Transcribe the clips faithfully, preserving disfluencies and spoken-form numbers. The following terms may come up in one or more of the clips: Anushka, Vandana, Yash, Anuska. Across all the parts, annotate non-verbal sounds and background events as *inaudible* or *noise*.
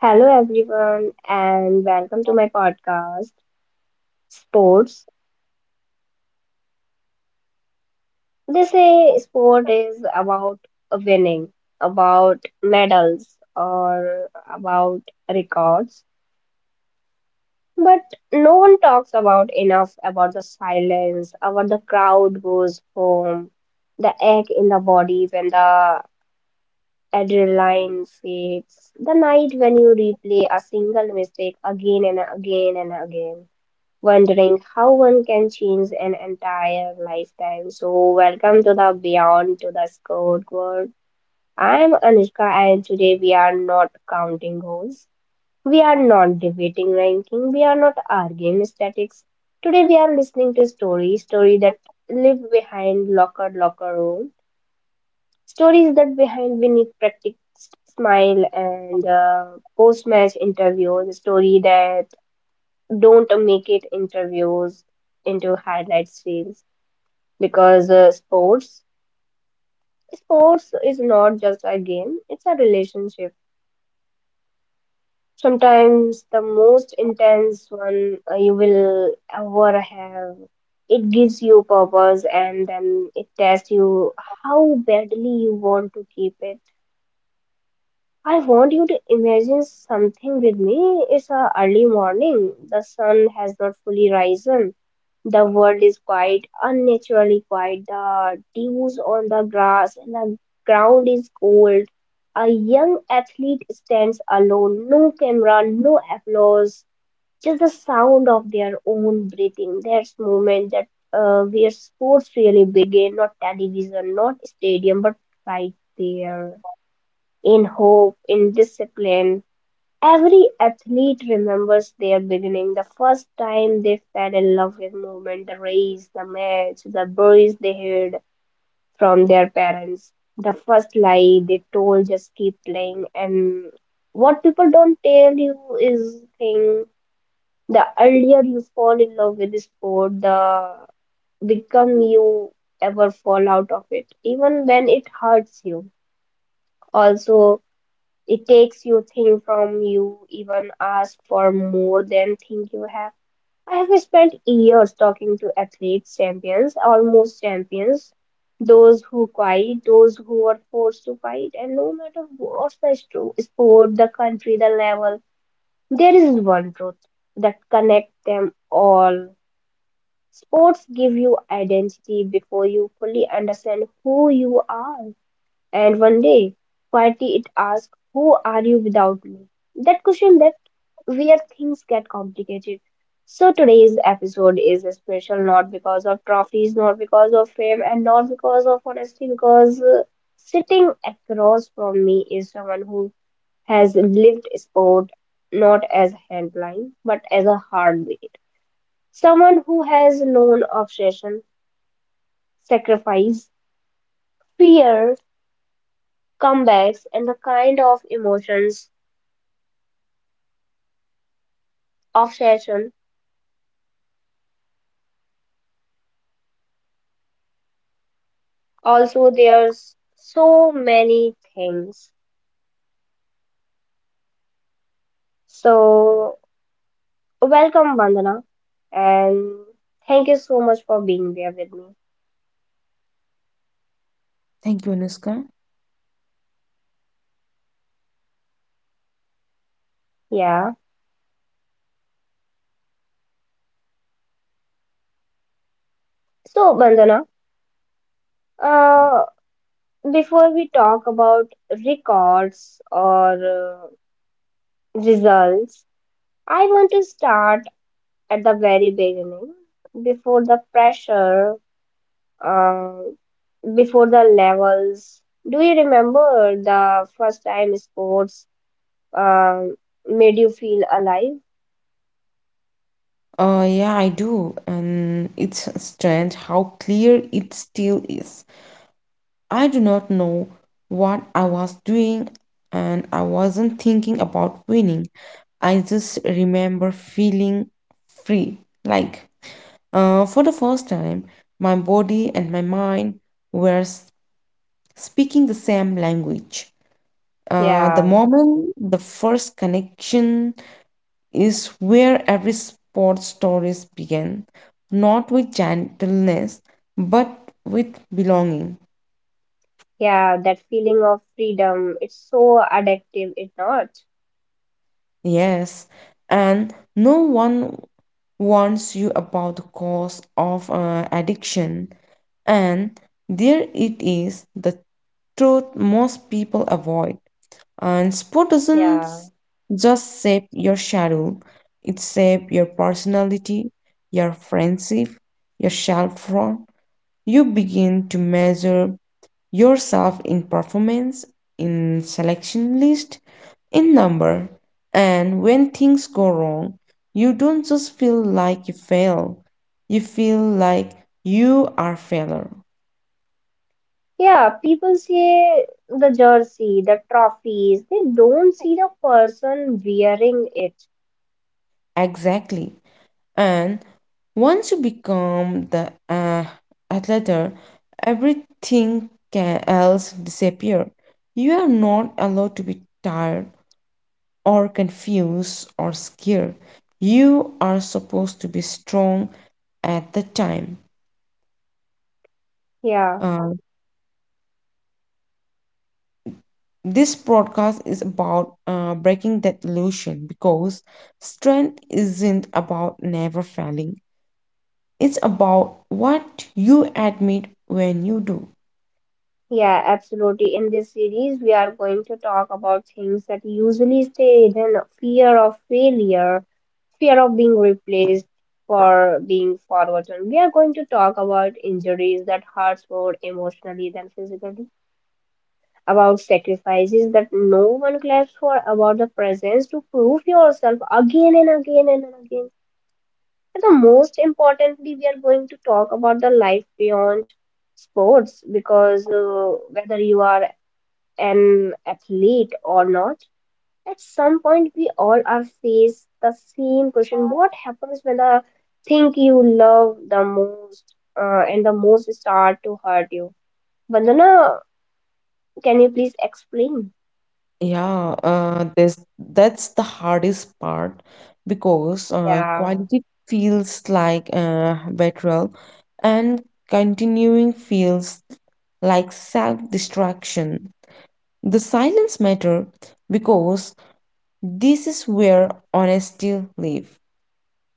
Hello, everyone, and welcome to my podcast, Sports. They say sport is about winning, about medals, or about records, but no one talks about enough about the silence, about the crowd goes home, the ache in the body when the adrenaline fades, the night when you replay a single mistake again and again and again wondering how one can change an entire lifetime. So, welcome to the Beyond to the Skirt world. I'm Anushka, and today we are not counting goals, we are not debating ranking, we are not arguing statics. Today, we are listening to stories, stories that live behind locker locker room, stories that behind we need practice. Smile and uh, post match interviews, story that don't make it interviews into highlights reels because uh, sports sports is not just a game. It's a relationship, sometimes the most intense one uh, you will ever have. It gives you purpose and then it tests you how badly you want to keep it. I want you to imagine something with me. It's a early morning, the sun has not fully risen. The world is quiet, unnaturally quiet. The dews on the grass and the ground is cold. A young athlete stands alone, no camera, no applause, just the sound of their own breathing. There's moment that uh, where sports really begin, not television, not stadium, but right there, in hope, in discipline. Every athlete remembers their beginning, the first time they fell in love with movement, the race, the match, the boys they heard from their parents, the first lie they told just keep playing. And what people don't tell you is thing the earlier you fall in love with the sport, the become you ever fall out of it, even when it hurts you. Also, it takes you think from you even ask for more than think you have. I have spent years talking to athletes, champions, almost champions, those who quit, those who were forced to fight, and no matter what's the sto- sport, the country, the level, there is one truth that connects them all. Sports give you identity before you fully understand who you are. And one day, quietly it asked, who are you without me? That question that where things get complicated. So today's episode is special not because of trophies, not because of fame, and not because of honesty, because uh, sitting across from me is someone who has lived sport not as a handline, but as a heartbeat. Someone who has known obsession, sacrifice, fear, comebacks, and the kind of emotions obsession. Also, there's so many things. So, welcome, Bandana, and thank you so much for being there with me. Thank you, Anuska. Yeah. So, Bandana, uh, before we talk about records or uh, results, I want to start at the very beginning, before the pressure, uh, before the levels. Do you remember the first time sports um, made you feel alive? Uh, yeah, I do. And it's strange how clear it still is. I do not know what I was doing, and I wasn't thinking about winning. I just remember feeling free. Like, uh, for the first time, my body and my mind were s- speaking the same language. Uh, the Yeah, moment, the first connection is where every sports stories begin, not with gentleness, but with belonging. yeah, that feeling of freedom, it's so addictive, it not. Yes, and no one warns you about the cause of uh, addiction, and there it is, the truth most people avoid. And sport doesn't Yeah, just shape your schedule; it shapes your personality, your friendship, your self worth. You begin to measure yourself in performance, in selection list, in number. And when things go wrong, you don't just feel like you fail, you feel like you are failure. yeah, people see the jersey, the trophies, they don't see the person wearing it. Exactly. And once you become the uh, athlete, everything can else disappear. You are not allowed to be tired or confused or scared. You are supposed to be strong at the time. Yeah. Uh, this broadcast is about uh, breaking that illusion because strength isn't about never failing, it's about what you admit when you do. Yeah, absolutely. In this series, we are going to talk about things that usually stay hidden, fear of failure, fear of being replaced for being forgotten. We are going to talk about injuries that hurts more emotionally than physically, about sacrifices that no one claps for, about the presence to prove yourself again and again and again. And the most importantly, we are going to talk about the life beyond sports because uh, whether you are an athlete or not, at some point we all are faced the same question: what happens when the thing you love the most uh, and the most start to hurt you? Vandana, can you please explain? Yeah, uh, this that's the hardest part because uh, Yeah, quality feels like uh, betrayal, and continuing feels like self-destruction. The silence matter because this is where honesty live.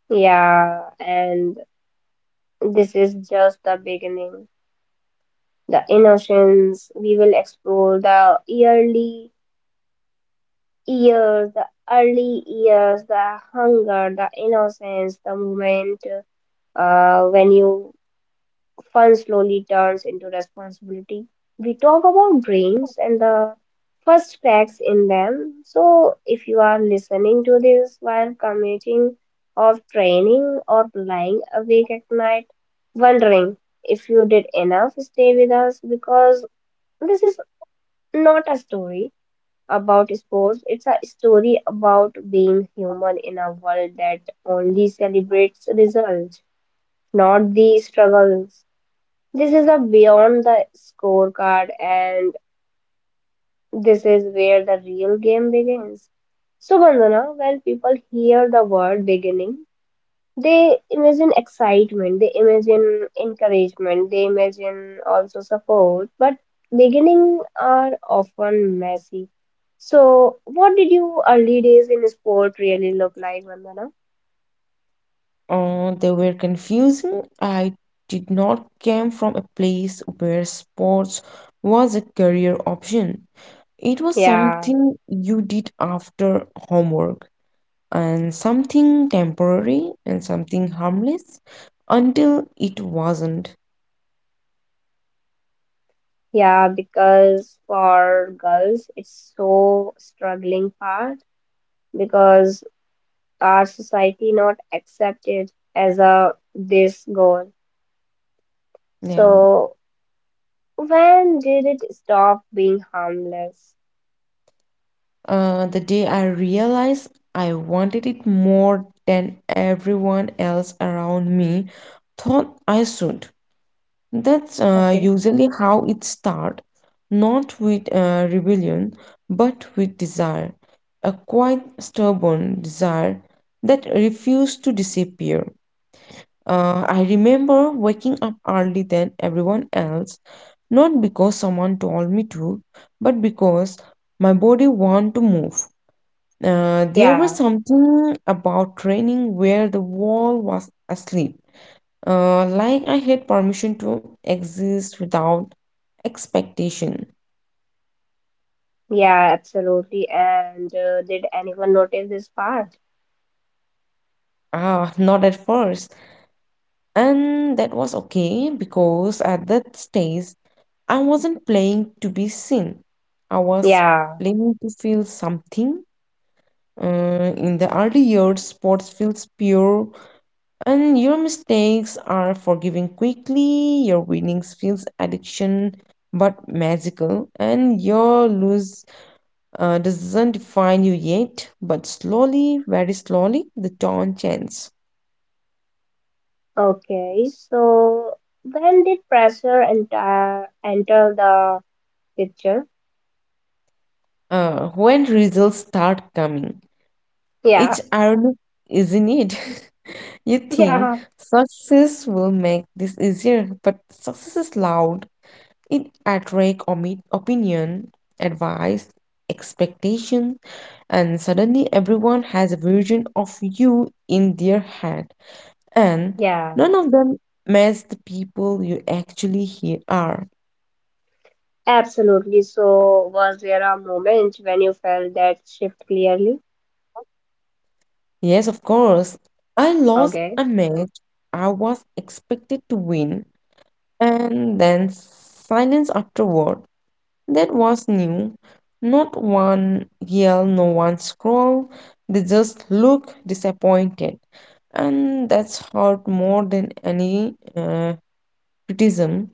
yeah, and this is just the beginning. The innocence we will explore the early years, the early years, the hunger, the innocence, the moment uh, when you fun slowly turns into responsibility. We talk about dreams and the first cracks in them. So if you are listening to this while commuting or training or lying awake at night, wondering if you did enough, stay with us because this is not a story about sports. It's a story about being human in a world that only celebrates results, not the struggles. This is a beyond the scorecard, and this is where the real game begins. So, Bandana, when people hear the word beginning, they imagine excitement, they imagine encouragement, they imagine also support, but beginning are often messy. So, what did your early days in sport really look like, Vandana? Uh, they were confusing. I did not came from a place where sports was a career option. It was Yeah, something you did after homework, and something temporary and something harmless until it wasn't. yeah, because for girls, it's so struggling part because our society not accepted as a this goal. Yeah. So when did it stop being harmless? Uh, the day I realized I wanted it more than everyone else around me thought I should. That's uh, Okay. usually how it starts, not with uh, rebellion, but with desire, a quite stubborn desire that refused to disappear. Uh, I remember waking up early than everyone else, not because someone told me to, but because my body wanted to move. Uh, there Yeah, was something about training where the wall was asleep, uh, like I had permission to exist without expectation. yeah, absolutely, and uh, did anyone notice this part? Ah, not at first. And that was okay because at that stage I wasn't playing to be seen. I was Yeah. playing to feel something. Uh, in the early years, sports feels pure, and your mistakes are forgiven quickly. Your winnings feels addiction, but magical, and your lose uh, doesn't define you yet, but slowly, very slowly, the tone changes. Okay, so when did pressure enter enter the picture? Uh, when results start coming, Yeah. it's ironic, isn't it? *laughs* You *laughs* think Yeah, success will make this easier, but success is loud. It attracts omi- opinion, advice, expectation, and suddenly everyone has a version of you in their head, and yeah, none of them match the people you actually here are. absolutely. So was there a moment when you felt that shift clearly? Yes, of course. I lost Okay, a match I was expected to win, and then silence afterward. That was new. Not one yell, no one scroll. They just look disappointed, and that's hurt more than any uh, criticism.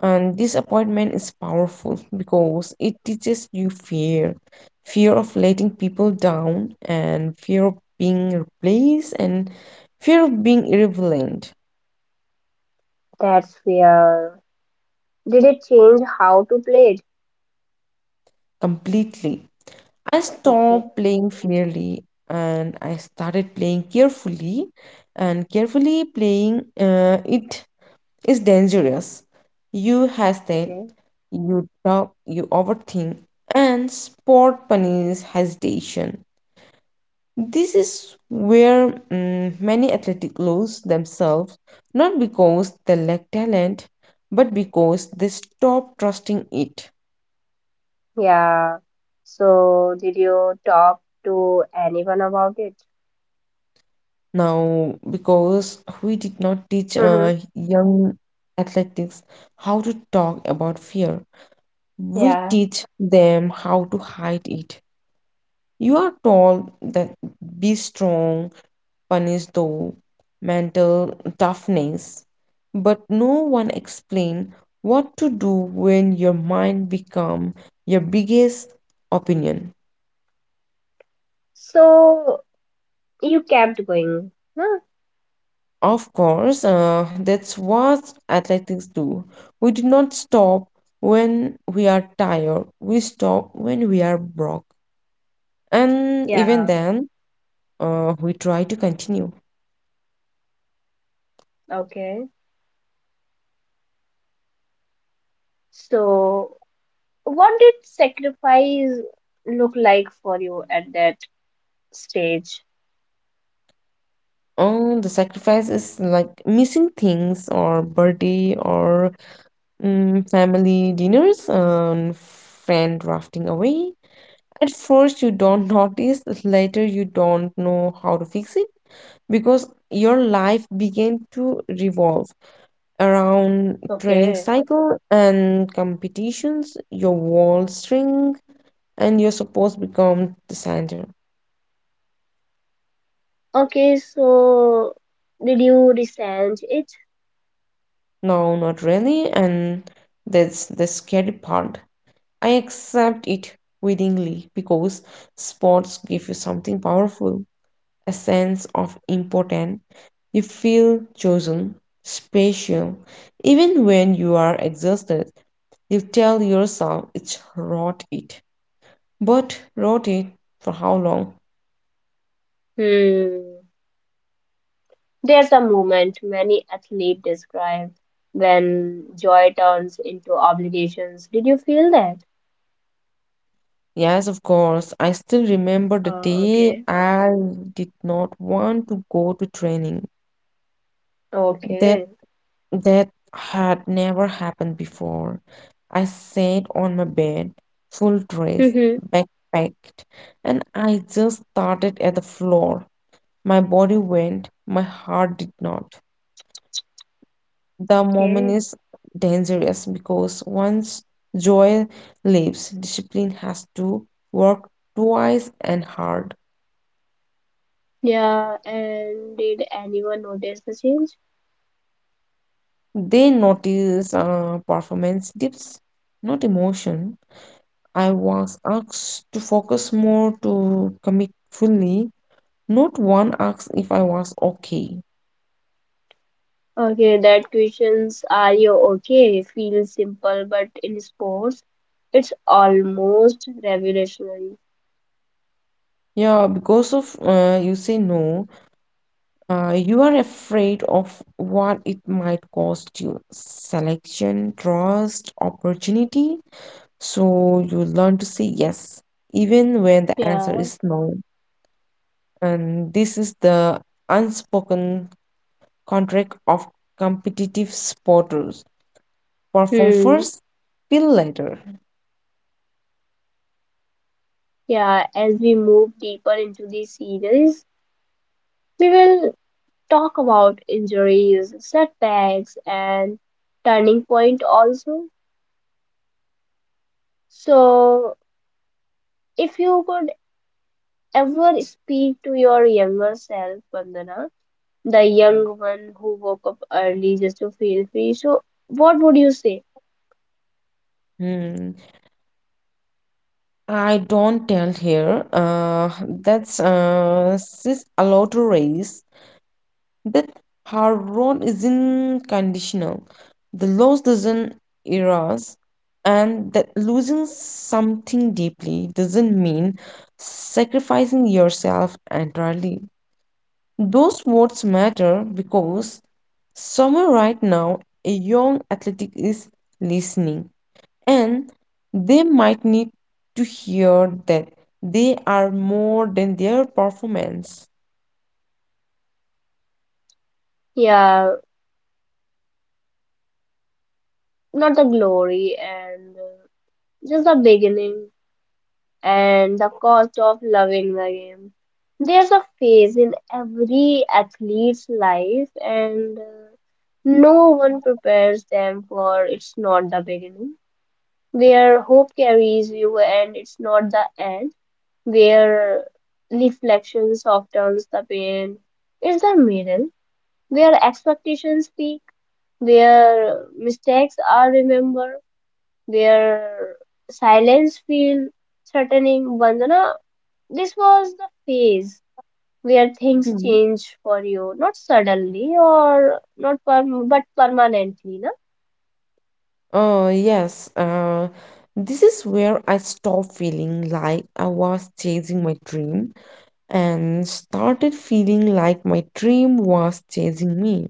And this appointment is powerful because it teaches you fear, fear of letting people down, and fear of being replaced, and fear of being irrelevant that's clear. Did it change how to play it? completely. I Okay. stopped playing fairly and I started playing carefully, and carefully playing uh, it is dangerous. You hesitate, Okay. you doubt, you overthink, and sport punish hesitation. This is where mm, many athletes lose themselves, not because they lack talent, but because they stop trusting it. Yeah. So, did you talk to anyone about it? Now, because we did not teach Mm-hmm. uh, young athletics how to talk about fear, we Yeah. teach them how to hide it. You are told that be strong, punish though mental toughness. But no one explain what to do when your mind become your biggest opinion. So, you kept going, huh? Of course, uh, that's what athletics do. We do not stop when we are tired. We stop when we are broke. And even Yeah. then, uh, we try to continue. Okay. So, what did sacrifice look like for you at that stage? Oh, the sacrifice is like missing things or birthday or Mm, family dinners and friend drafting away. At first, you don't *laughs* notice, later, you don't know how to fix it because your life began to revolve around training Okay. cycle and competitions, your wall string, and you're supposed to become the center. Okay, so did you resent it? No, not really, and that's the scary part. I accept it willingly because sports give you something powerful, a sense of importance. You feel chosen, special. Even when you are exhausted, you tell yourself it's wrought it. But wrought it for how long? Hmm. There's a moment many athletes describe when joy turns into obligations. Did you feel that? Yes, of course. I still remember the Oh, day okay. I did not want to go to training. That Okay. that had never happened before. I sat on my bed, full dress, Mm-hmm. backpacked, and I just started at the floor. My body went, my heart did not. The moment Okay. is dangerous because once joy leaves, discipline has to work twice and hard. Yeah, and did anyone notice the change? They notice uh, performance dips, not emotion. I was asked to focus more to commit fully. Not one asked if I was okay. Okay, that questions are you okay? Feels simple, but in sports, it's almost revolutionary. Yeah, because of uh, you say no, Uh, you are afraid of what it might cost you selection, trust, opportunity. So you learn to say yes, even when the answer Yeah. is no. And this is the unspoken contract of competitive sporters. Perform Hmm. first, feel later. Yeah, as we move deeper into the series, we will talk about injuries, setbacks, and turning point also. So, if you could ever speak to your younger self, Vandana, the young one who woke up early just to feel free, so what would you say? Hmm. I don't tell here. Uh, that's uh, She's allowed to race, that her role isn't conditional. The loss doesn't erase, and that losing something deeply doesn't mean sacrificing yourself entirely. Those words matter because somewhere right now a young athletic is listening and they might need to hear that they are more than their performance. Yeah, not the glory and uh, just the beginning, and the cost of loving the game. There's a phase in every athlete's life, and uh, no one prepares them for it's not the beginning, where hope carries you and it's not the end, where reflection softens the pain. It's the middle, where expectations speak, where mistakes are remembered, where silence feel threatening. Vandana, this was the phase where things Hmm. change for you, not suddenly or not perm but permanently, no? Uh, yes, uh, this is where I stopped feeling like I was chasing my dream and started feeling like my dream was chasing me.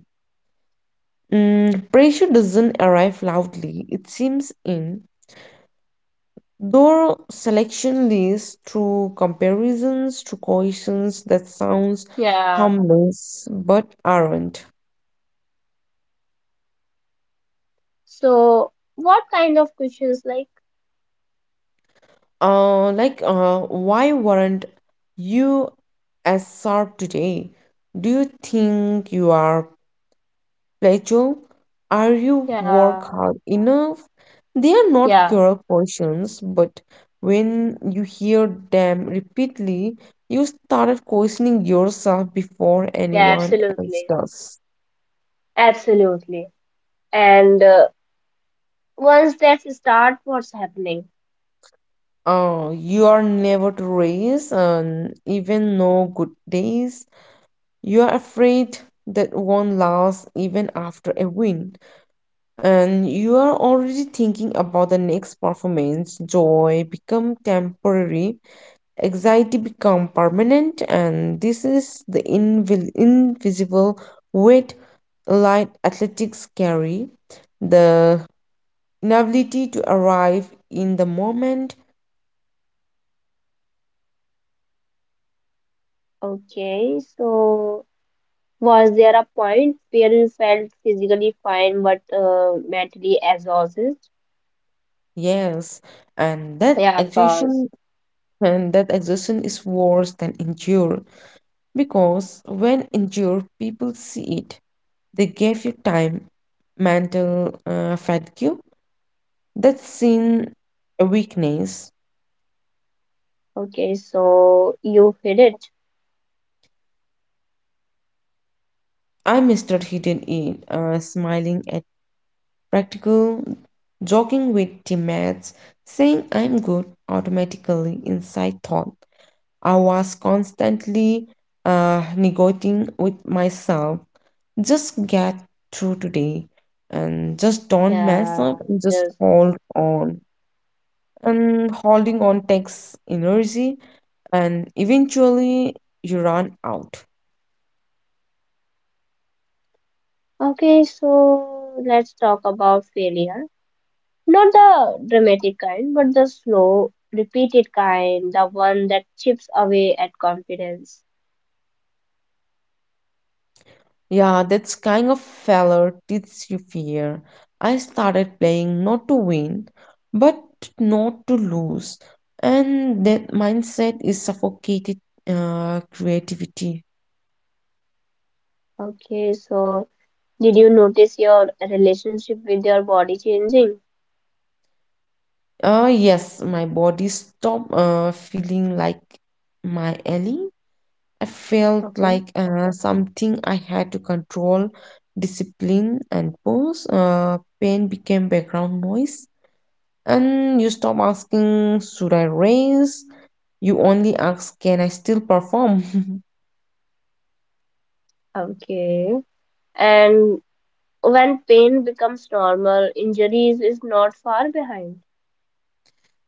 Mm, pressure doesn't arrive loudly, it seems in. Though selection leads to comparisons to questions that sounds Yeah. harmless but aren't. So, what kind of questions like? Uh, like, uh, why weren't you as sharp today? Do you think you are plateau? Are you work Yeah, hard enough? They are not yeah, cruel questions, but when you hear them repeatedly, you started questioning yourself before yeah, anyone else absolutely, does. absolutely. And uh, once that start, what's happening? Uh, you are never to raise, um, even no good days. You are afraid that won't last even after a win, and you are already thinking about the next performance. Joy become temporary, anxiety become permanent, and this is the invi- invisible weight light athletics carry. The inability to arrive in the moment. Okay, so. Was there a point where you felt physically fine but uh, mentally exhausted? Yes, and that Yeah, of course. exhaustion and that exhaustion is worse than endure because when endure, people see it. They gave you time, mental uh, fatigue. That's seen a weakness. Okay, so you hit it. I mistook hidden in uh, smiling at practical, joking with teammates, saying I'm good automatically inside thought. I was constantly uh, negotiating with myself. Just get through today and just don't mess Yeah, up and just just hold on. And holding on takes energy and eventually you run out. okay. So let's talk about failure. Not the dramatic kind, but the slow, repeated kind, the one that chips away at confidence. Yeah, that's kind of failure teaches you fear. I started playing not to win, but not to lose, and that mindset is suffocated uh, creativity. Okay, so did you notice your relationship with your body changing? Uh, yes, my body stopped uh, feeling like my ally. I felt Okay, like uh, something I had to control, discipline, and pose. Uh, pain became background noise. And you stop asking, should I raise? You only ask, can I still perform? *laughs* okay. And when pain becomes normal, injuries is not far behind.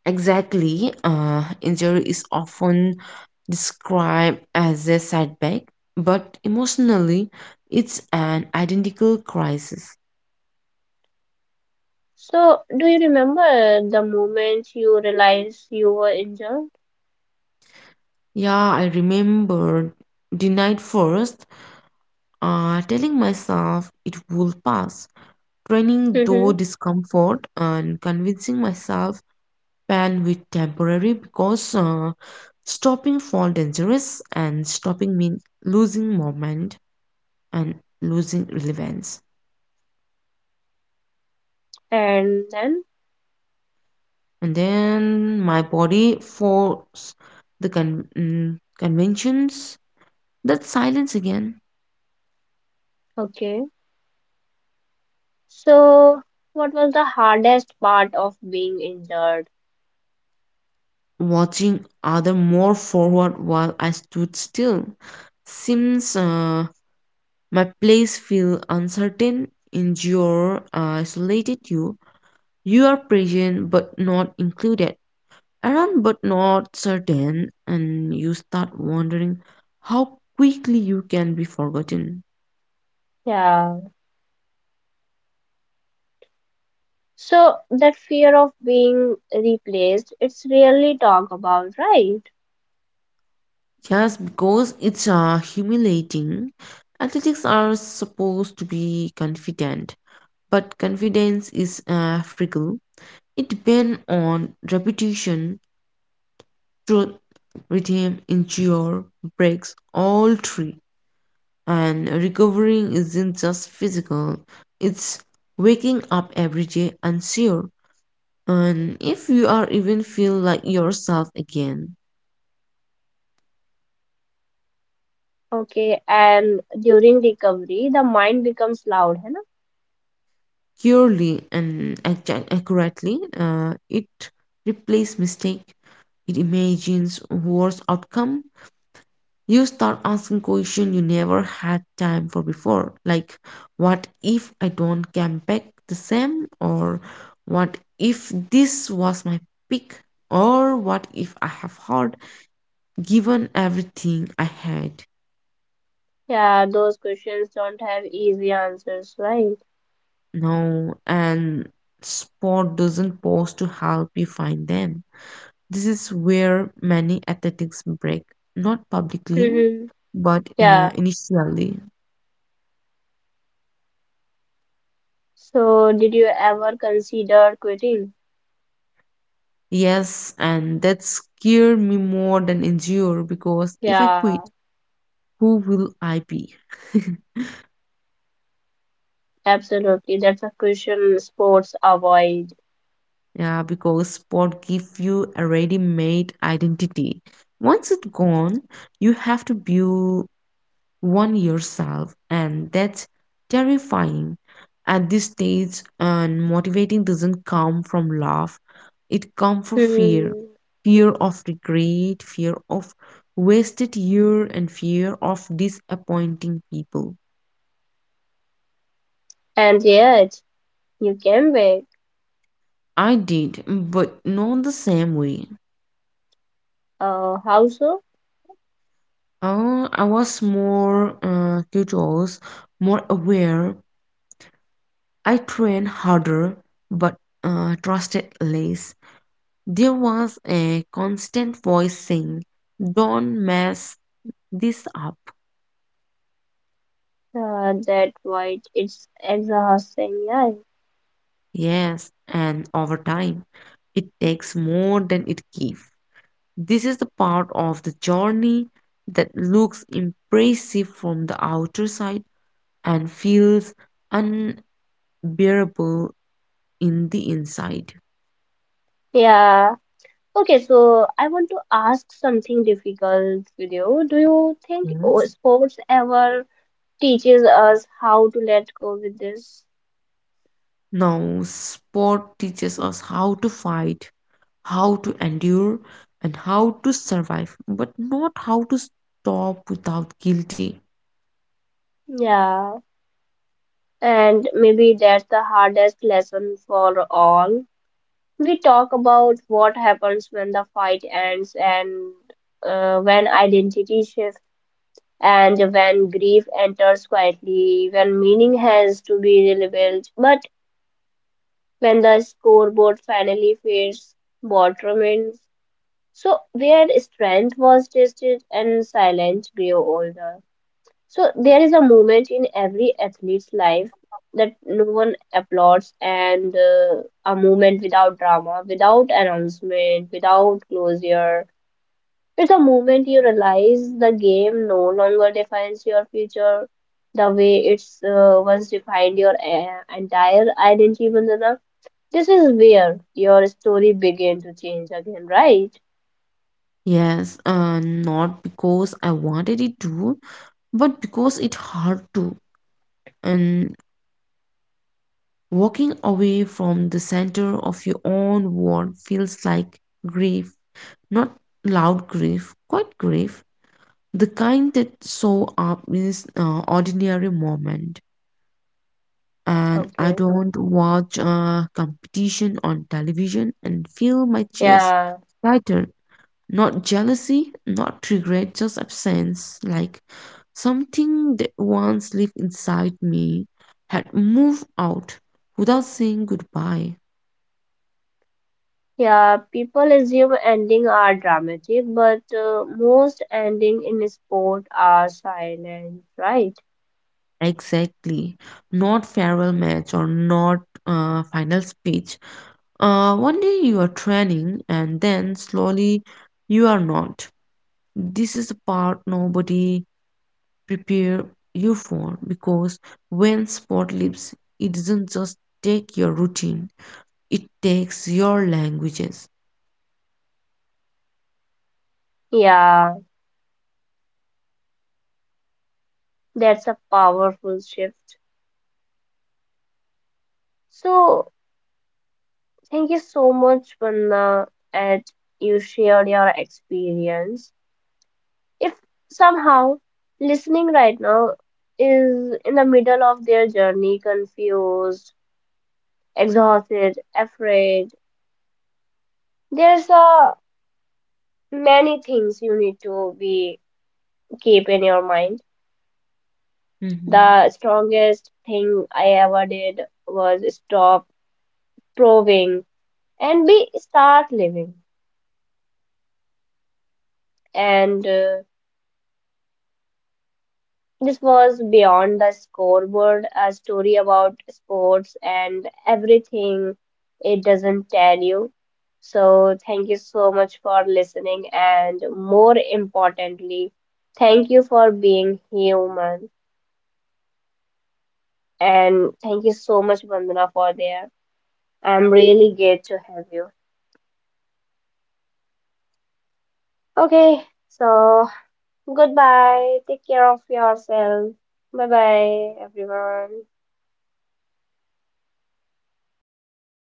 Exactly. Uh, injury is often described as a setback, but emotionally, it's an identical crisis. So, do you remember the moment you realized you were injured? Yeah, I remember the night first, uh, telling myself it will pass, training though Mm-hmm. discomfort and convincing myself pan with temporary because uh, stopping fall dangerous and stopping mean losing moment and losing relevance, And then, and then my body force the con- mm, conventions that silence again, okay. So, what was the hardest part of being injured? watching other more forward while I stood still, seems uh, my place feel uncertain in, uh, isolated you, you are present but not included, around but not certain, and you start wondering how quickly you can be forgotten. Yeah. So, that fear of being replaced, it's rarely talked about, right? Yes, because it's uh, humiliating. Athletics are supposed to be confident, but confidence is uh, fickle. It depends on repetition, truth, rhythm, endure, breaks, all three. And recovering isn't just physical, it's waking up every day unsure and if you are even feel like yourself again Okay. And during recovery, the mind becomes loud, है ना? purely and accu- accurately. Uh, it replaces mistake, it imagines worse outcome, you start asking question you never had time for before like what if I don't come back the same, or what if this was my pick, or what if I have hard given everything I had. Yeah, those questions don't have easy answers, right? No, and sport doesn't pause to help you find them. This is where many athletics break, not publicly, Mm-hmm. but uh, Yeah. initially. So, did you ever consider quitting? Yes, and that scared me more than endure because if I Yeah, quit, who will I be? *laughs* absolutely. That's a question sports avoid. Yeah, because sport give you a ready-made identity. Once it's gone, you have to build one yourself and that's terrifying at this stage and motivating doesn't come from love, it comes from fear, Hmm. fear of regret, fear of wasted year and fear of disappointing people. And yet, you can back. I did but not the same way. Uh, how so? Uh, i was more uh, curious, more aware, I trained harder but uh, trusted less. There was a constant voice saying, don't mess this up. Uh, that why it's exhausting. Yeah. Yes, and over time, it takes more than it gives. This is the part of the journey that looks impressive from the outer side and feels unbearable in the inside. Yeah. Okay, so I want to ask something difficult with you. Do you think oh, Yes. sports ever teaches us how to let go with this? Now, sport teaches us how to fight, how to endure and how to survive, but not how to stop without guilty. Yeah. And maybe that's the hardest lesson for all. We talk about what happens when the fight ends and uh, when identity shifts and when grief enters quietly, when meaning has to be rebuilt. But when the scoreboard finally fades, what remains? So, where strength was tested and silence grew older. So there is a moment in every athlete's life that no one applauds, and uh, a moment without drama, without announcement, without closure. It's a moment you realize the game no longer defines your future the way it's uh, once defined your uh, entire identity, Vandana. This is where your story began to change again, right? Yes, uh, not because I wanted it to, but because it hard to. And walking away from the center of your own world feels like grief, not loud grief, quite grief, the kind that show up in this uh, ordinary moment, and I Okay. don't watch uh, competition on television and feel my chest Yeah. tighter. Not jealousy, not regret, just absence. Like something that once lived inside me had moved out without saying goodbye. Yeah, people assume ending are dramatic, but uh, most ending in sport are silent, right? Exactly. Not farewell match or not uh, final speech. Uh, one day you are training and then slowly you are not. This is the part nobody prepare you for because when sport leaves, it doesn't just take your routine, it takes your languages. Yeah, that's a powerful shift. So, thank you so much, Vanna, and you shared your experience. If somehow listening right now is in the middle of their journey, confused, exhausted, afraid, there's a many things you need to be keep in your mind. Mhm. The strongest thing I ever did was stop proving and be start living. And uh, this was beyond the scoreboard, a story about sports and everything it doesn't tell you. So thank you so much for listening, and more importantly, thank you for being human. And thank you so much, Vandana, for there. I'm really glad to have you. Mhm. Thank you, Anuska. Okay, so goodbye. Take care of yourself. Bye bye, everyone.